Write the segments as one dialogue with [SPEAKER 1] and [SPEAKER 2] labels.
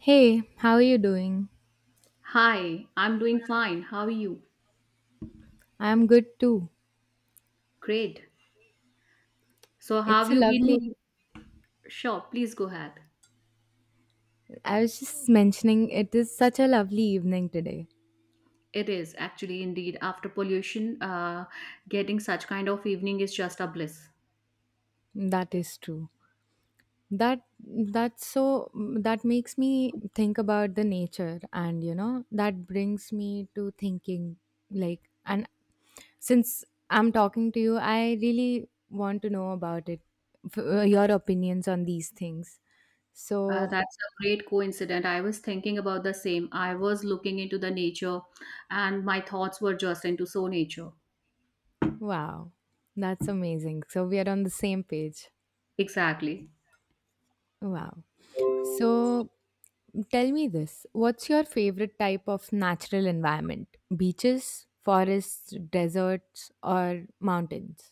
[SPEAKER 1] Hey, how are you doing?
[SPEAKER 2] Hi, I'm doing fine. How are you?
[SPEAKER 1] I'm good too.
[SPEAKER 2] Great. So, how have
[SPEAKER 1] It's a
[SPEAKER 2] you been
[SPEAKER 1] lovely
[SPEAKER 2] doing? Sure, please go ahead.
[SPEAKER 1] I was just mentioning it is such a lovely evening today.
[SPEAKER 2] It is actually indeed after pollution, getting such kind of evening is just a bliss.
[SPEAKER 1] That is true. That that's so That makes me think about the nature, and that brings me to thinking, like, and since I'm talking to you, I really want to know about it, your opinions on these things. So,
[SPEAKER 2] That's a great coincidence. I was thinking about the same. I was looking into the nature, and my thoughts were just into so nature.
[SPEAKER 1] wow. That's amazing. So we are on the same page.
[SPEAKER 2] Exactly.
[SPEAKER 1] Wow. So tell me this, what's your favorite type of natural environment? Beaches, forests, deserts, or mountains?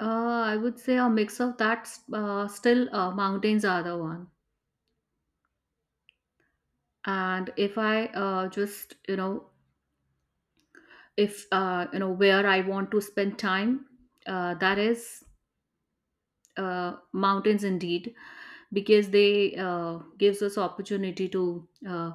[SPEAKER 2] I would say a mix of that. Still, mountains are the one. And if I just, if where I want to spend time, that is mountains indeed, because they gives us opportunity to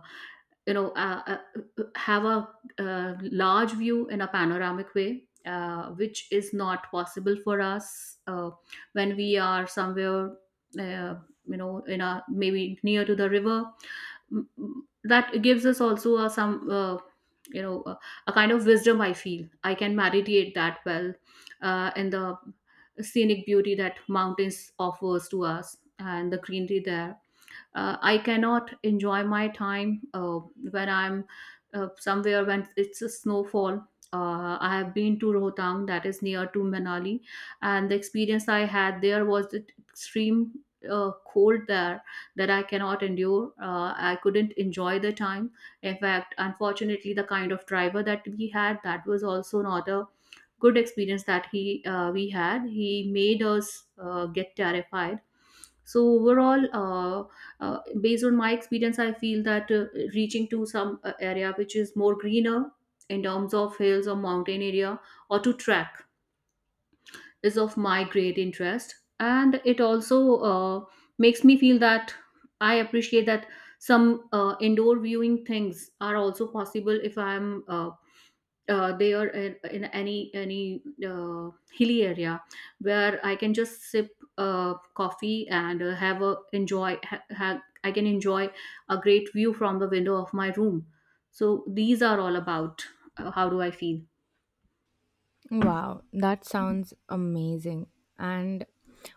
[SPEAKER 2] you know uh, have a large view in a panoramic way. Which is not possible for us when we are somewhere, uh, in a maybe near to the river that gives us also a, some you know a, a kind of wisdom. I feel I can meditate that well in the scenic beauty that mountains offers to us, and the greenery there I cannot enjoy my time when I'm somewhere when it's a snowfall. I have been to Rohtang, that is near to Manali, and the experience I had there was the extreme cold there that I cannot endure. I couldn't enjoy the time. In fact, unfortunately, the kind of driver that we had, that was also not a good experience, that he we had he made us get terrified. So overall, based on my experience, I feel that reaching to some area which is more greener in terms of hills or mountain area, or to track, is of my great interest. And it also uh, makes me feel that I appreciate that some indoor viewing things are also possible if I'm uh, they are in, any hilly area where I can just sip coffee and have a enjoy I can enjoy a great view from the window of my room. So these are all about how do I feel.
[SPEAKER 1] Wow, that sounds amazing. And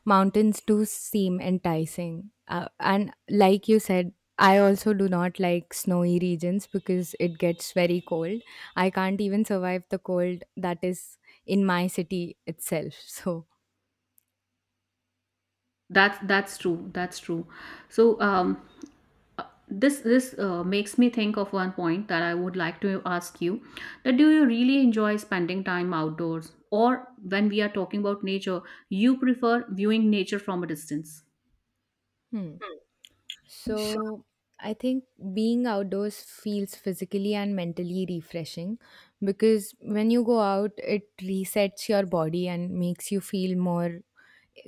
[SPEAKER 1] mountains do seem enticing. And like you said, I also do not like snowy regions because it gets very cold. I can't even survive the cold that is in my city itself. So,
[SPEAKER 2] That's true. That's true. So this makes me think of one point that I would like to ask you, that do you really enjoy spending time outdoors, or when we are talking about nature, you prefer viewing nature from a distance?
[SPEAKER 1] hmm. So I think being outdoors feels physically and mentally refreshing, because when you go out, it resets your body and makes you feel more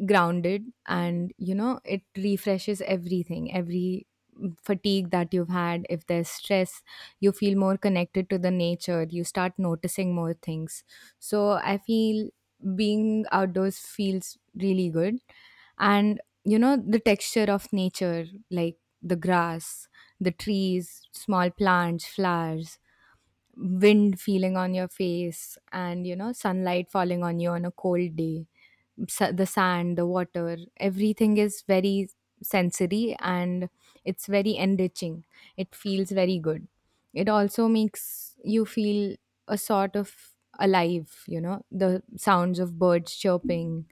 [SPEAKER 1] grounded, and it refreshes everything, every fatigue that you've had, if there's stress. You feel more connected to the nature, you start noticing more things. So I feel being outdoors feels really good. And the texture of nature, like the grass, the trees, small plants, flowers, wind feeling on your face, and sunlight falling on you on a cold day, the sand, the water, everything is very sensory, and it's very enriching. It feels very good. It also makes you feel a sort of alive, the sounds of birds chirping,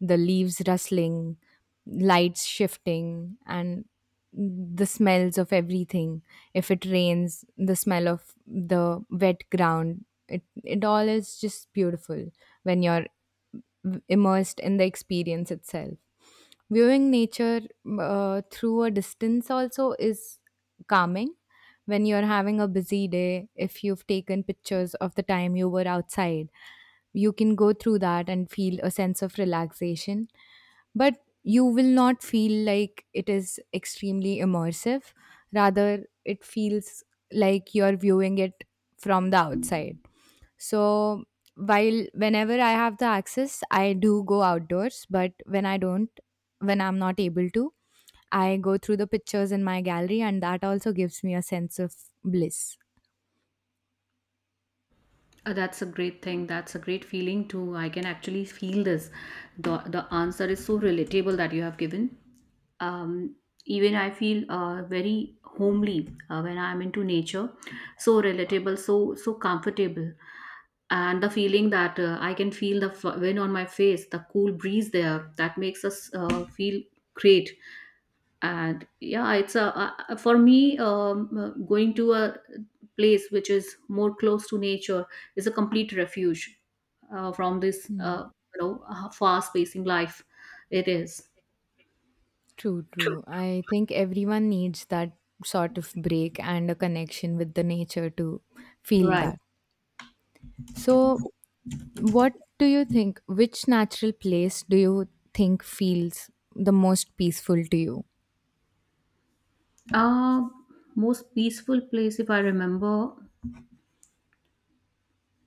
[SPEAKER 1] the leaves rustling, lights shifting, and the smells of everything. If it rains, the smell of the wet ground. It all is just beautiful when you're immersed in the experience itself. Viewing nature through a distance also is calming. When you're having a busy day, if you've taken pictures of the time you were outside, you can go through that and feel a sense of relaxation. But you will not feel like it is extremely immersive, rather it feels like you're viewing it from the outside. So while whenever I have the access, I do go outdoors, but when I'm not able to, I go through the pictures in my gallery, and that also gives me a sense of bliss.
[SPEAKER 2] That's a great thing. That's a great feeling too. I can actually feel this. The answer is so relatable that you have given. Um, Even I feel very homely when I'm into nature. So relatable, so comfortable, and the feeling that I can feel the wind on my face, the cool breeze there. That makes us feel great. And yeah, it's a for me going to a place which is more close to nature is a complete refuge from this fast-pacing life it is.
[SPEAKER 1] True, true. I think everyone needs that sort of break and a connection with the nature to feel
[SPEAKER 2] Right.
[SPEAKER 1] that. So, what do you think? Which natural place do you think feels the most peaceful to you?
[SPEAKER 2] uh, Most peaceful place, if I remember,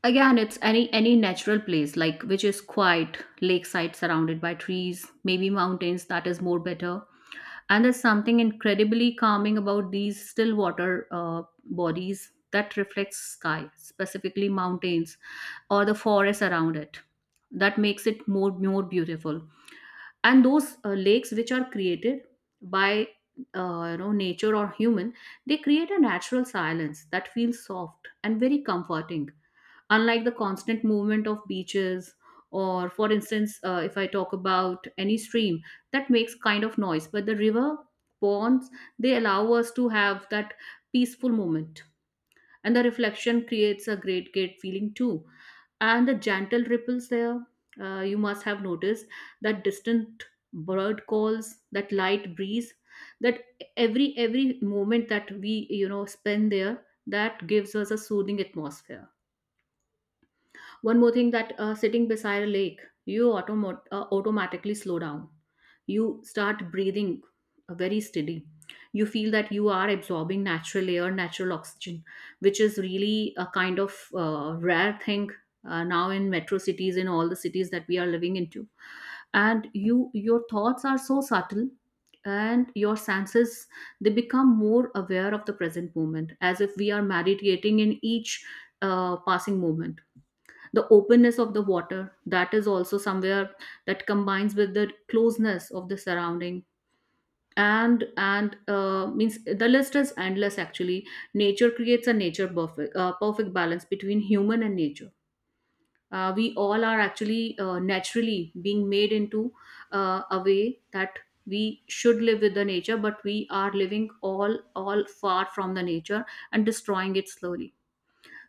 [SPEAKER 2] again it's any natural place like which is quiet lakeside surrounded by trees, maybe mountains, that is more better. And there's something incredibly calming about these still water bodies that reflects sky, specifically mountains or the forest around it. That makes it more beautiful. And those lakes which are created by nature or human, they create a natural silence that feels soft and very comforting, unlike the constant movement of beaches. Or for instance, if I talk about any stream, that makes kind of noise, but the river, ponds, they allow us to have that peaceful moment. And the reflection creates a great feeling too, and the gentle ripples there, you must have noticed that distant bird calls, that light breeze, that every moment that we spend there, that gives us a soothing atmosphere. One more thing that sitting beside a lake, you automatically slow down. You start breathing very steady. You feel that you are absorbing natural air, natural oxygen, which is really a kind of rare thing now in metro cities, in all the cities that we are living into. And you, your thoughts are so subtle, and your senses, they become more aware of the present moment, as if we are meditating in each passing moment. The openness of the water, that is also somewhere that combines with the closeness of the surrounding. And Means the list is endless actually. Nature creates a nature perfect perfect balance between human and nature. We all are actually naturally being made into a way that we should live with the nature, but we are living all far from the nature and destroying it slowly.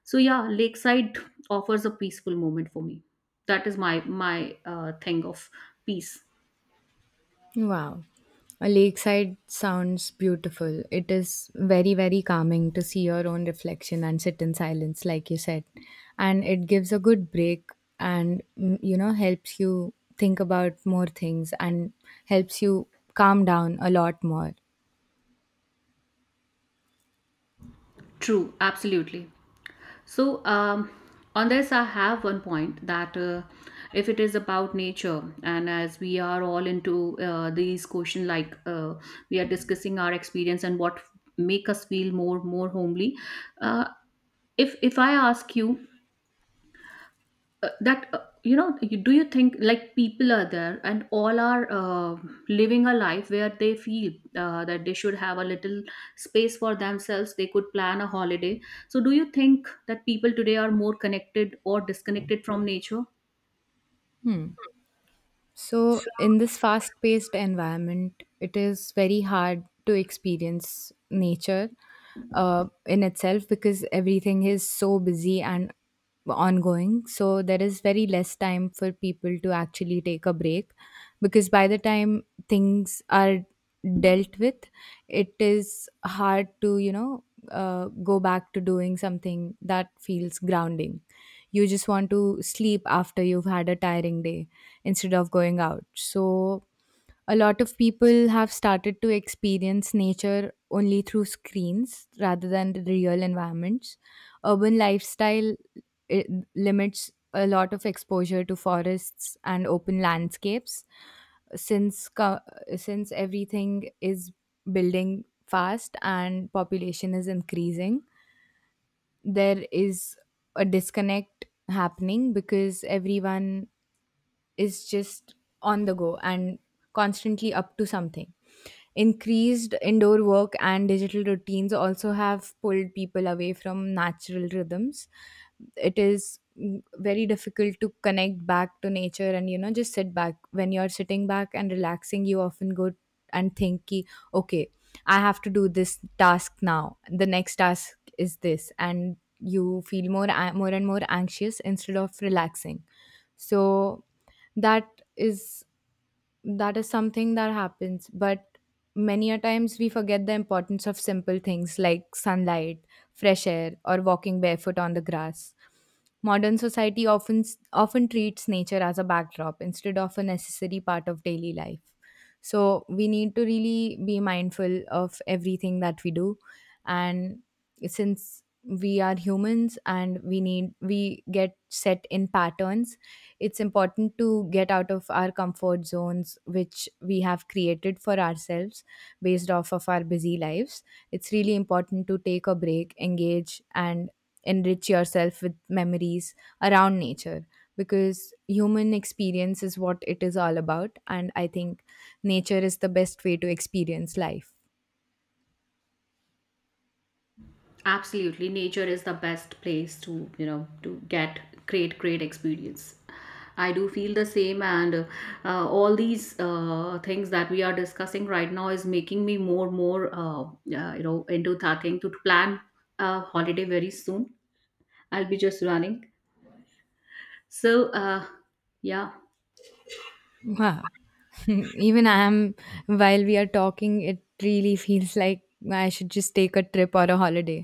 [SPEAKER 2] So yeah, lakeside offers a peaceful moment for me. That is my thing of peace.
[SPEAKER 1] Wow. A lakeside sounds beautiful. It is very, very calming to see your own reflection and sit in silence, like you said. And it gives a good break and, mm, you know, helps you think about more things, and helps you calm down a lot more.
[SPEAKER 2] True, absolutely. So on this I have one point that if it is about nature, and as we are all into these question, like we are discussing our experience and what make us feel more homely. Uh, if if I ask you that you, do you think like people are there and all are living a life where they feel that they should have a little space for themselves, they could plan a holiday? So do you think that people today are more connected or disconnected from nature?
[SPEAKER 1] So, in this fast paced environment, it is very hard to experience nature in itself, because everything is so busy and ongoing. So, there is very less time for people to actually take a break, because by the time things are dealt with, it is hard to, you know, go back to doing something that feels grounding. You just want to sleep after you've had a tiring day instead of going out. So a lot of people have started to experience nature only through screens rather than the real environments. Urban lifestyle, it limits a lot of exposure to forests and open landscapes. Since co- since everything is building fast and population is increasing, there is a disconnect happening, because everyone is just on the go and constantly up to something. Increased indoor work and digital routines also have pulled people away from natural rhythms. It is mm, very difficult to connect back to nature, and you know, just sit back. When you're sitting back and relaxing, you often go and think ki, okay, I have to do this task now, the next task is this, and you feel more and more anxious instead of relaxing. So that is, that is something that happens. But many a times we forget the importance of simple things like sunlight, fresh air, or walking barefoot on the grass. Modern society often, often treats nature as a backdrop instead of a necessary part of daily life. So we need to really be mindful of everything that we do. And since we are humans and we need, we get set in patterns, it's important to get out of our comfort zones which we have created for ourselves based off of our busy lives. It's really important to take a break, engage, and enrich yourself with memories around nature, because human experience is what it is all about, and I think nature is the best way to experience life.
[SPEAKER 2] Absolutely, nature is the best place to to get great experience. I do feel the same, and all these things that we are discussing right now is making me more into that thing to plan a holiday very soon. I'll be just running. So yeah,
[SPEAKER 1] Wow. Even I am, while we are talking, it really feels like I should just take a trip or a holiday.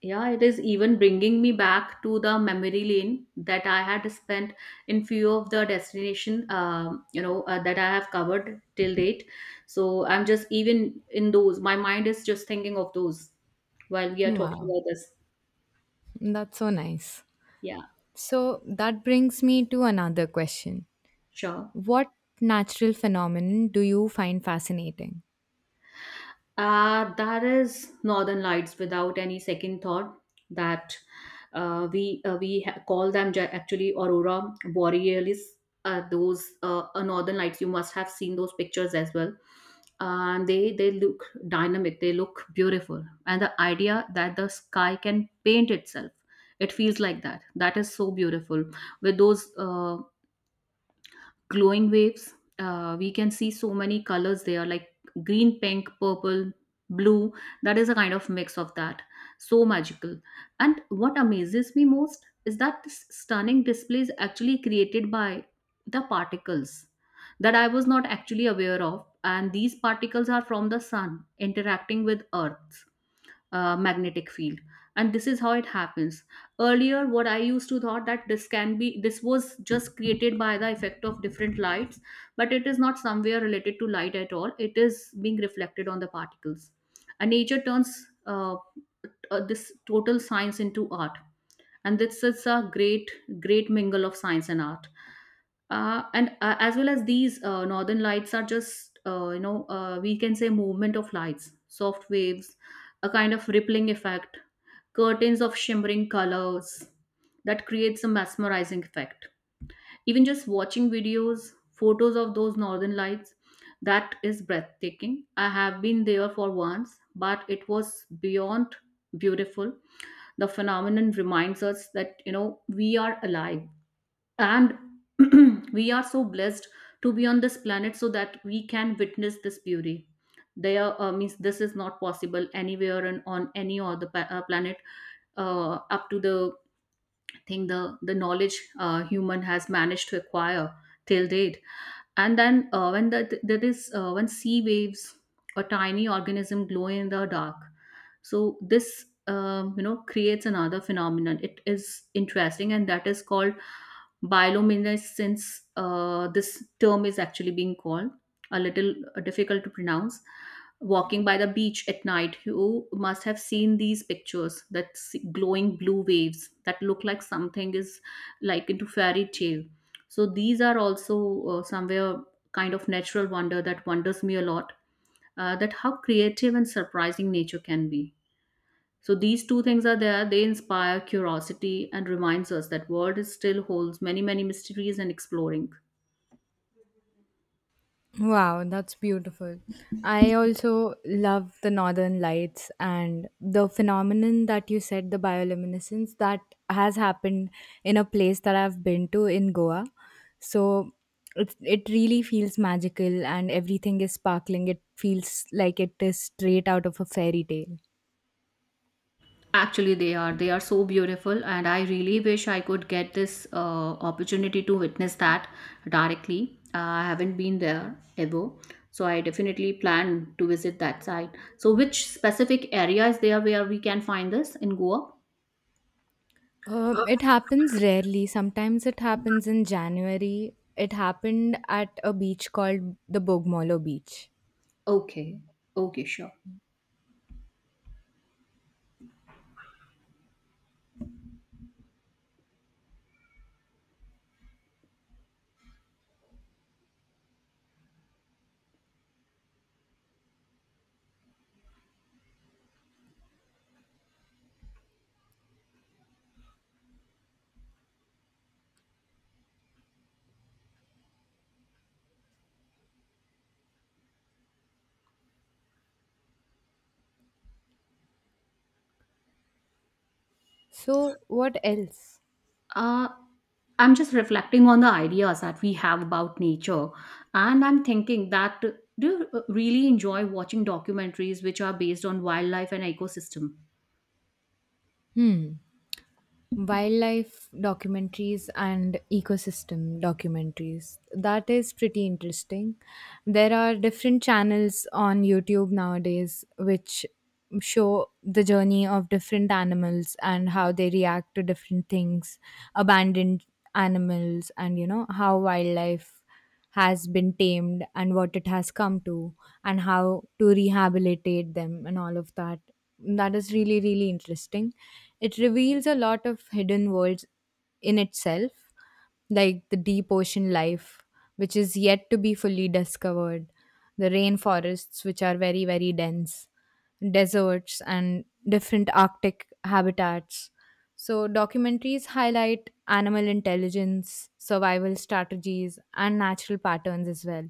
[SPEAKER 2] yeah, it is even bringing me back to the memory lane that I had spent in few of the destination, that I have covered till date. So I'm just even in those. My mind is just thinking of those while we are talking
[SPEAKER 1] Wow.
[SPEAKER 2] about this.
[SPEAKER 1] That's so nice.
[SPEAKER 2] Yeah.
[SPEAKER 1] So that brings me to another question.
[SPEAKER 2] Sure.
[SPEAKER 1] What natural phenomenon do you find fascinating?
[SPEAKER 2] That is Northern Lights without any second thought, that call them actually Aurora Borealis. Those Northern Lights, you must have seen those pictures as well. And they look dynamic, they look beautiful. And the idea that the sky can paint itself, it feels like that. That is so beautiful. With those glowing waves. We can see so many colors there, like green, pink, purple, blue. That is a kind of mix of that. So magical. And what amazes me most is that this stunning display is actually created by the particles that I was not actually aware of. And these particles are from the sun interacting with Earth magnetic field, and this is how it happens. Earlier what I used to thought that this can be this was just created by the effect of different lights, but it is not somewhere related to light at all, it is being reflected on the particles. And nature turns this total science into art, and this is a great mingle of science and art. And As well as these northern lights are just we can say movement of lights, soft waves, a kind of rippling effect, curtains of shimmering colors that creates a mesmerizing effect. Even just watching videos, photos of those northern lights, that is breathtaking. I have been there for once, but it was beyond beautiful. The phenomenon reminds us that we are alive, and we are so blessed to be on this planet so that we can witness this beauty there. Means this is not possible anywhere and on any other planet, up to the thing, the knowledge human has managed to acquire till date. And then when there is when sea waves or tiny organism glow in the dark, so this creates another phenomenon. It is interesting, and that is called bioluminescence. This term is actually being called a little difficult to pronounce. Walking by the beach at night, you must have seen these pictures, that glowing blue waves that look like something is like into fairy tale. So these are also somewhere kind of natural wonder that wonders me a lot, that how creative and surprising nature can be. So these two things are there. They inspire curiosity and reminds us that world is still holds many mysteries and exploring.
[SPEAKER 1] Wow, that's beautiful. I also love the northern lights and the phenomenon that you said, the bioluminescence, that has happened in a place that I've been to in Goa. So it really feels magical and everything is sparkling. It feels like it is straight out of a fairy tale.
[SPEAKER 2] Actually, they are. They are so beautiful, and I really wish I could get this opportunity to witness that directly. I haven't been there ever, so I definitely plan to visit that site. So, which specific area is there where we can find this in Goa?
[SPEAKER 1] It happens rarely. Sometimes it happens in January. It happened at a beach called the Bogmolo Beach.
[SPEAKER 2] Okay, okay, sure.
[SPEAKER 1] So, what else?
[SPEAKER 2] Uh, I'm just reflecting on the ideas that we have about nature, and I'm thinking that do you really enjoy watching documentaries which are based on wildlife and ecosystem?
[SPEAKER 1] Wildlife documentaries and ecosystem documentaries. That is pretty interesting. There are different channels on YouTube nowadays which show the journey of different animals and how they react to different things, abandoned animals, and you know, how wildlife has been tamed and what it has come to, and how to rehabilitate them and all of that. That is really, really interesting. It reveals a lot of hidden worlds in itself, like the deep ocean life, which is yet to be fully discovered, the rainforests, which are very, very dense, deserts, and different arctic habitats. So, documentaries highlight animal intelligence, survival strategies, and natural patterns as well.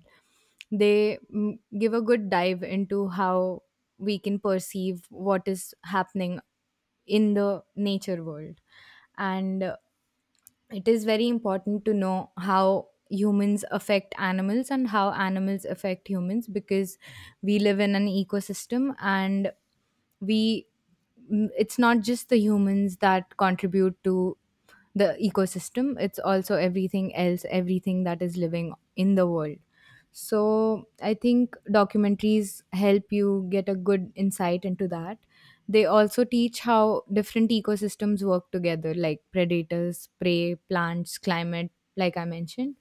[SPEAKER 1] They mm, give a good dive into how we can perceive what is happening in the nature world. And it is very important to know how humans affect animals and how animals affect humans, because we live in an ecosystem, and we it's not just the humans that contribute to the ecosystem, it's also everything else, everything that is living in the world. So I think documentaries help you get a good insight into that. They also teach how different ecosystems work together, like predators, prey, plants, climate, like I mentioned.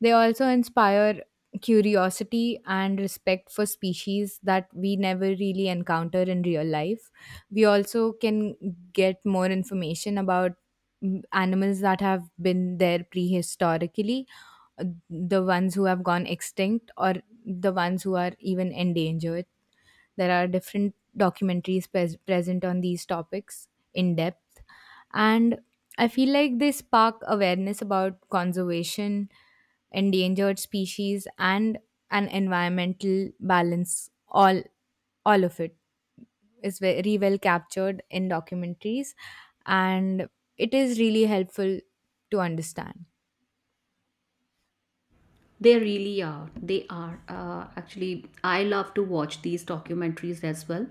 [SPEAKER 1] They also inspire curiosity and respect for species that we never really encounter in real life. We also can get more information about mm, animals that have been there prehistorically, uh, the ones who have gone extinct, or the ones who are even endangered. There are different documentaries present on these topics in depth, and I feel like they spark awareness about conservation, endangered species, and an environmental balance. All of it is very well captured in documentaries, and it is really helpful to understand.
[SPEAKER 2] They really are. They are. Actually, I love to watch these documentaries as well,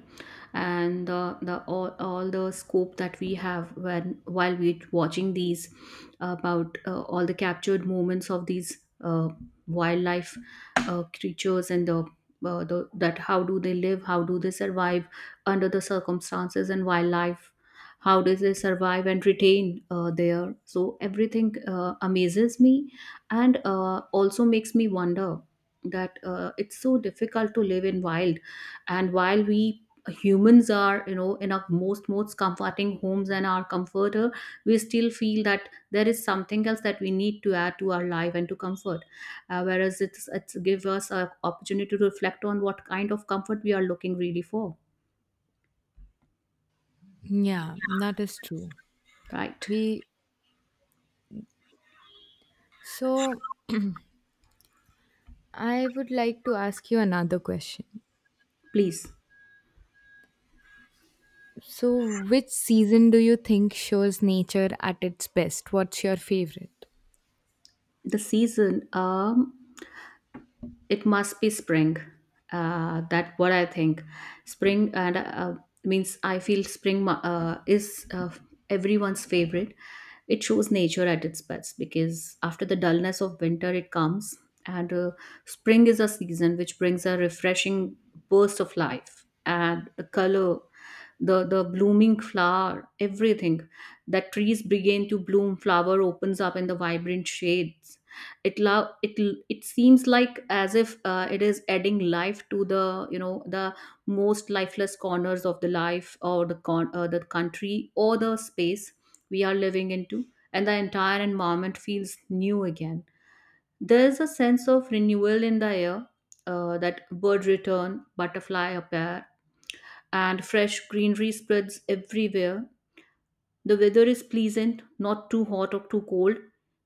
[SPEAKER 2] and all the scope that we have when while we're watching these about all the captured moments of these uh, wildlife creatures and the. That how do they live how do they survive under the circumstances, and wildlife how do they survive and retain their, so everything amazes me, and also makes me wonder that it's so difficult to live in wild, and while we humans are, you know, in our most comforting homes and our comforter, we still feel that there is something else that we need to add to our life and to comfort, whereas it's give us an opportunity to reflect on what kind of comfort we are looking really for.
[SPEAKER 1] Yeah, that is true.
[SPEAKER 2] Right.
[SPEAKER 1] We So I would like to ask you another question.
[SPEAKER 2] Please.
[SPEAKER 1] So, which season do you think shows nature at its best? What's your favorite?
[SPEAKER 2] The season, it must be spring. That what I think. Spring, and means I feel spring is everyone's favorite. It shows nature at its best because after the dullness of winter, it comes, and spring is a season which brings a refreshing burst of life and the color, the blooming flower, everything, that trees begin to bloom, flower opens up in the vibrant shades. It seems like as if it is adding life to the, you know, the most lifeless corners of the life or the the country or the space we are living into, and the entire environment feels new again. There is a sense of renewal in the air, that bird return, butterfly appear, and fresh greenery spreads everywhere. The weather is pleasant, not too hot or too cold,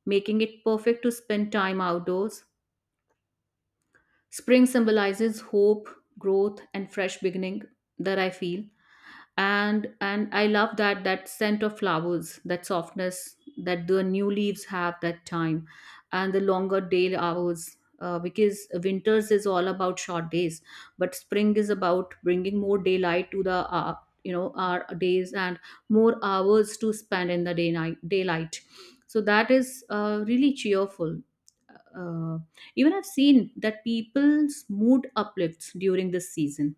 [SPEAKER 2] making it perfect to spend time outdoors. Spring symbolizes hope, growth, and fresh beginning, that I feel. And I love that, that scent of flowers, that softness that the new leaves have that time, and the longer day hours, because winters is all about short days, but spring is about bringing more daylight to the, you know, our days, and more hours to spend in the day night daylight. So that is really cheerful. uh, Even I've seen that people's mood uplifts during this season.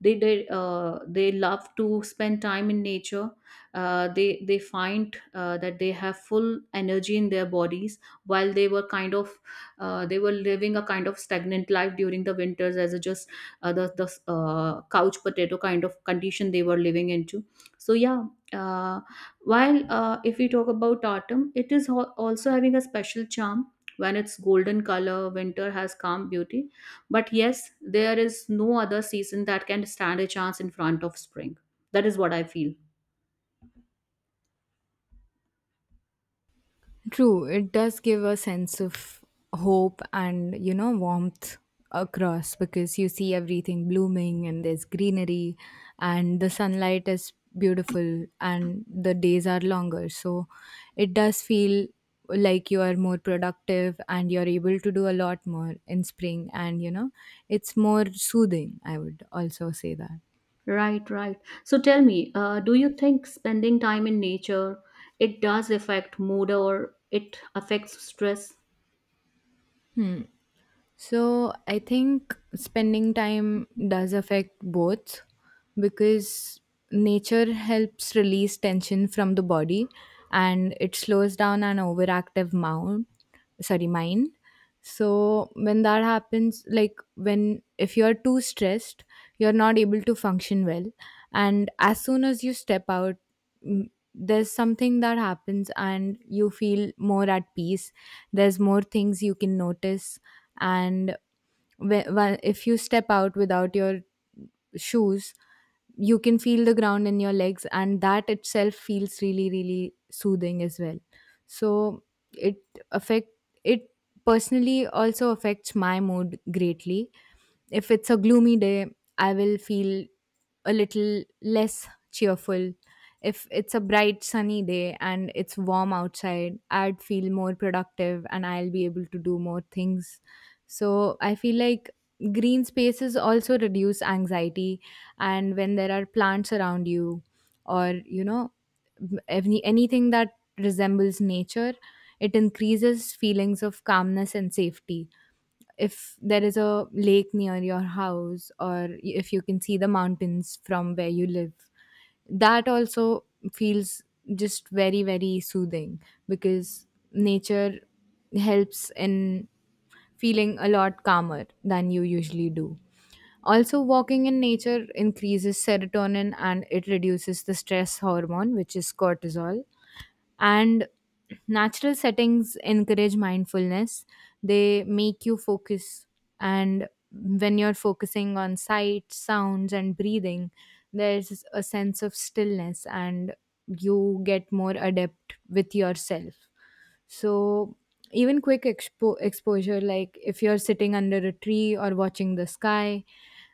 [SPEAKER 2] They did, they love to spend time in nature. They find that they have full energy in their bodies, while they were kind of, they were living a kind of stagnant life during the winters, as a just, the couch potato kind of condition they were living into. So yeah. uh, while, if we talk about autumn, it is also having a special charm. When it's golden color, winter has calm beauty, but yes, there is no other season that can stand a chance in front of spring. That is what I feel.
[SPEAKER 1] True, it does give a sense of hope and, you know, warmth across, because you see everything blooming and there's greenery, and the sunlight is beautiful and the days are longer. So, it does feel like you are more productive and you're able to do a lot more in spring, and, you know, it's more soothing. I would also say that.
[SPEAKER 2] Right, right. So tell me, do you think spending time in nature, it does affect mood or it affects stress?
[SPEAKER 1] So I think spending time does affect both, because nature helps release tension from the body, and it slows down an overactive mound, sorry, mind. So when that happens, like when if you're too stressed, you're not able to function well, and as soon as you step out, mm, there's something that happens and you feel more at peace. There's more things you can notice. And if you step out without your shoes, you can feel the ground in your legs, and that itself feels really, really soothing as well. So it affect it personally also affects my mood greatly. If it's a gloomy day, I will feel a little less cheerful. If it's a bright sunny day and it's warm outside, I'd feel more productive and I'll be able to do more things. So I feel like green spaces also reduce anxiety, and when there are plants around you, or you know, anything that resembles nature, it increases feelings of calmness and safety. If there is a lake near your house, or y- if you can see the mountains from where you live, that also feels just very, very soothing, because nature helps in feeling a lot calmer than you usually do. Also, walking in nature increases serotonin and it reduces the stress hormone, which is cortisol. And natural settings encourage mindfulness, they make you focus. And when you're focusing on sight, sounds, and breathing, there's a sense of stillness and you get more adept with yourself. So even quick exposure, like if you're sitting under a tree or watching the sky,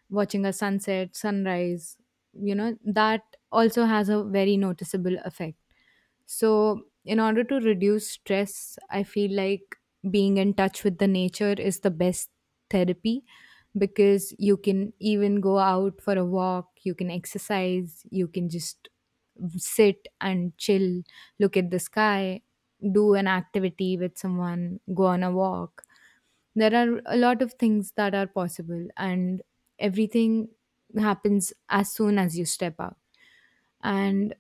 [SPEAKER 1] watching a sunset, sunrise, you know, that also has a very noticeable effect. So, in order to reduce stress, I feel like being in touch with the nature is the best therapy, because you can even go out for a walk, you can exercise, you can just sit and chill, look at the sky, do an activity with someone, go on a walk. There are a lot of things that are possible, and everything happens as soon as you step out, and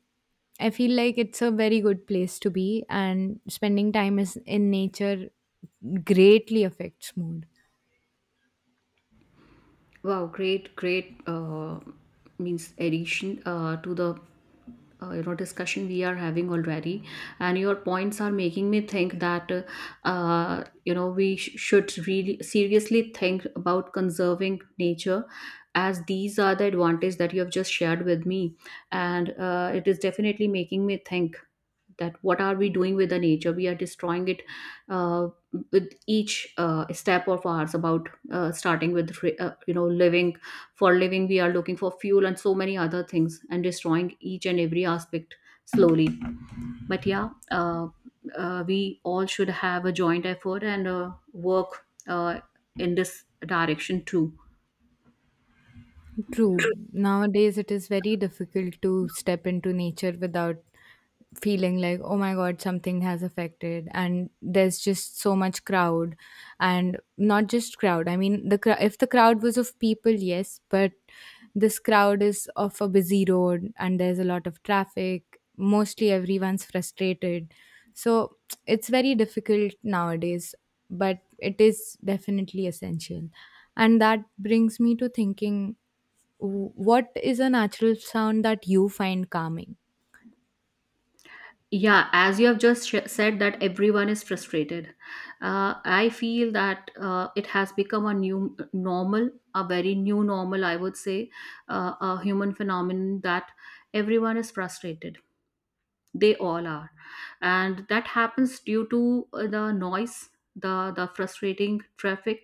[SPEAKER 1] I feel like it's a very good place to be, and spending time is in nature greatly affects mood.
[SPEAKER 2] Wow, great, great, means addition to the, you know, discussion we are having already, and your points are making me think that, you know, we should really seriously think about conserving nature, as these are the advantage that you have just shared with me, and it is definitely making me think that what are we doing with the nature, we are destroying it, uh, with each step of ours, about starting with you know, living, for living we are looking for fuel and so many other things, and destroying each and every aspect slowly. But yeah, we all should have a joint effort and work in this direction too.
[SPEAKER 1] True. Nowadays, it is very difficult to step into nature without feeling like, oh my god, something has affected. And there's just so much crowd, and not just crowd. I mean, if the crowd was of people, yes, but this crowd is of a busy road, and there's a lot of traffic. Mostly, everyone's frustrated, so it's very difficult nowadays. But it is definitely essential, and that brings me to thinking. What is a natural sound that you find calming?
[SPEAKER 2] Yeah, as you have just said, that everyone is frustrated. I feel that it has become a new normal, a very new normal, I would say, a human phenomenon that everyone is frustrated. They all are. And that happens due to the noise, the frustrating traffic,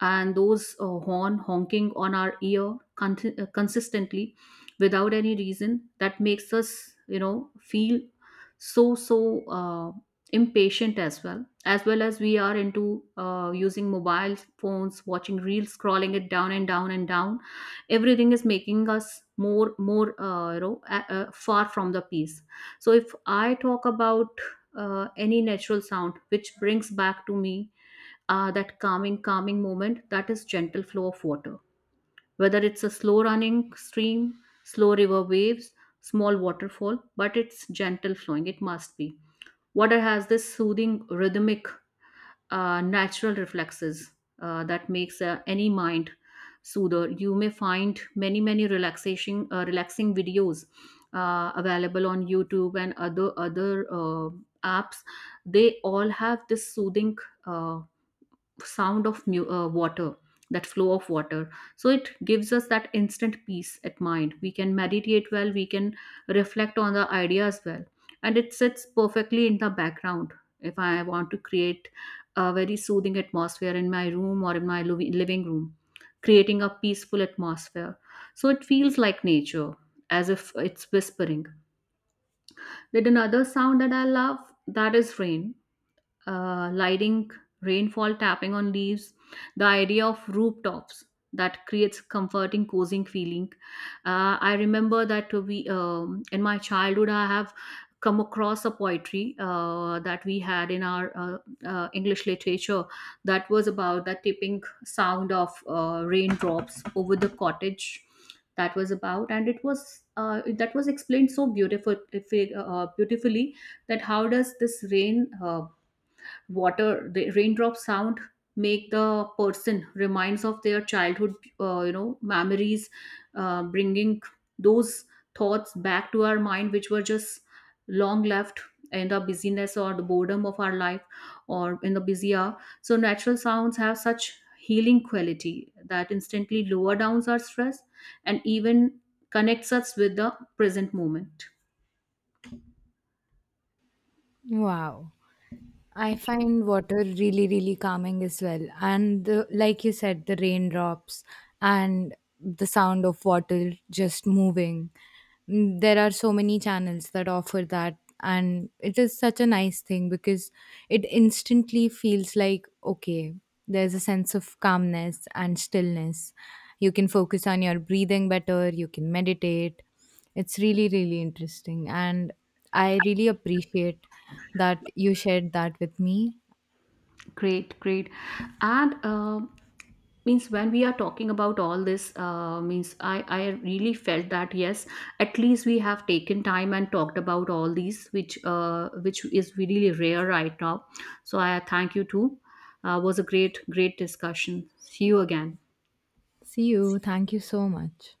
[SPEAKER 2] and those horn honking on our ear consistently without any reason, that makes us, you know, feel so impatient, as well as, well as we are into using mobile phones, watching reels, scrolling it down and down and down. Everything is making us more you know, far from the peace. So if I talk about any natural sound which brings back to me that calming, calming moment, that is gentle flow of water. Whether it's a slow running stream, slow river waves, small waterfall, but it's gentle flowing. It must be. Water has this soothing, rhythmic, natural reflexes that makes any mind soother. You may find many, many relaxing videos available on YouTube and other apps. They all have this soothing. Uh, sound of water, that flow of water, so it gives us that instant peace at mind. We can meditate well, we can reflect on the ideas well, and it sits perfectly in the background. If I want to create a very soothing atmosphere in my room or in my living room, creating a peaceful atmosphere, so it feels like nature, as if it's whispering. Then another sound that I love, that is rain, lighting, rainfall tapping on leaves, the idea of rooftops, that creates comforting, cozying feeling. I remember that we in my childhood, I have come across a poetry that we had in our English literature, that was about the tipping sound of raindrops over the cottage. That was about, and it was that was explained so beautiful, if it, beautifully, that how does this rain water, the raindrop sound, make the person reminds of their childhood, you know, memories, bringing those thoughts back to our mind, which were just long left in the busyness or the boredom of our life, or in the busy hour. So natural sounds have such healing quality that instantly lower downs our stress, and even connects us with the present moment.
[SPEAKER 1] Wow. I find water really, really calming as well. And the, like you said, the raindrops and the sound of water just moving. There are so many channels that offer that. And it is such a nice thing because it instantly feels like, okay, there's a sense of calmness and stillness. You can focus on your breathing better, you can meditate. It's really, really interesting. And I really appreciate that you shared that with me.
[SPEAKER 2] Great, great. And means when we are talking about all this, means I really felt that yes, at least we have taken time and talked about all these, which is really rare right now. So I thank you too. Was a great, great discussion. See you again.
[SPEAKER 1] See you. Thank you so much.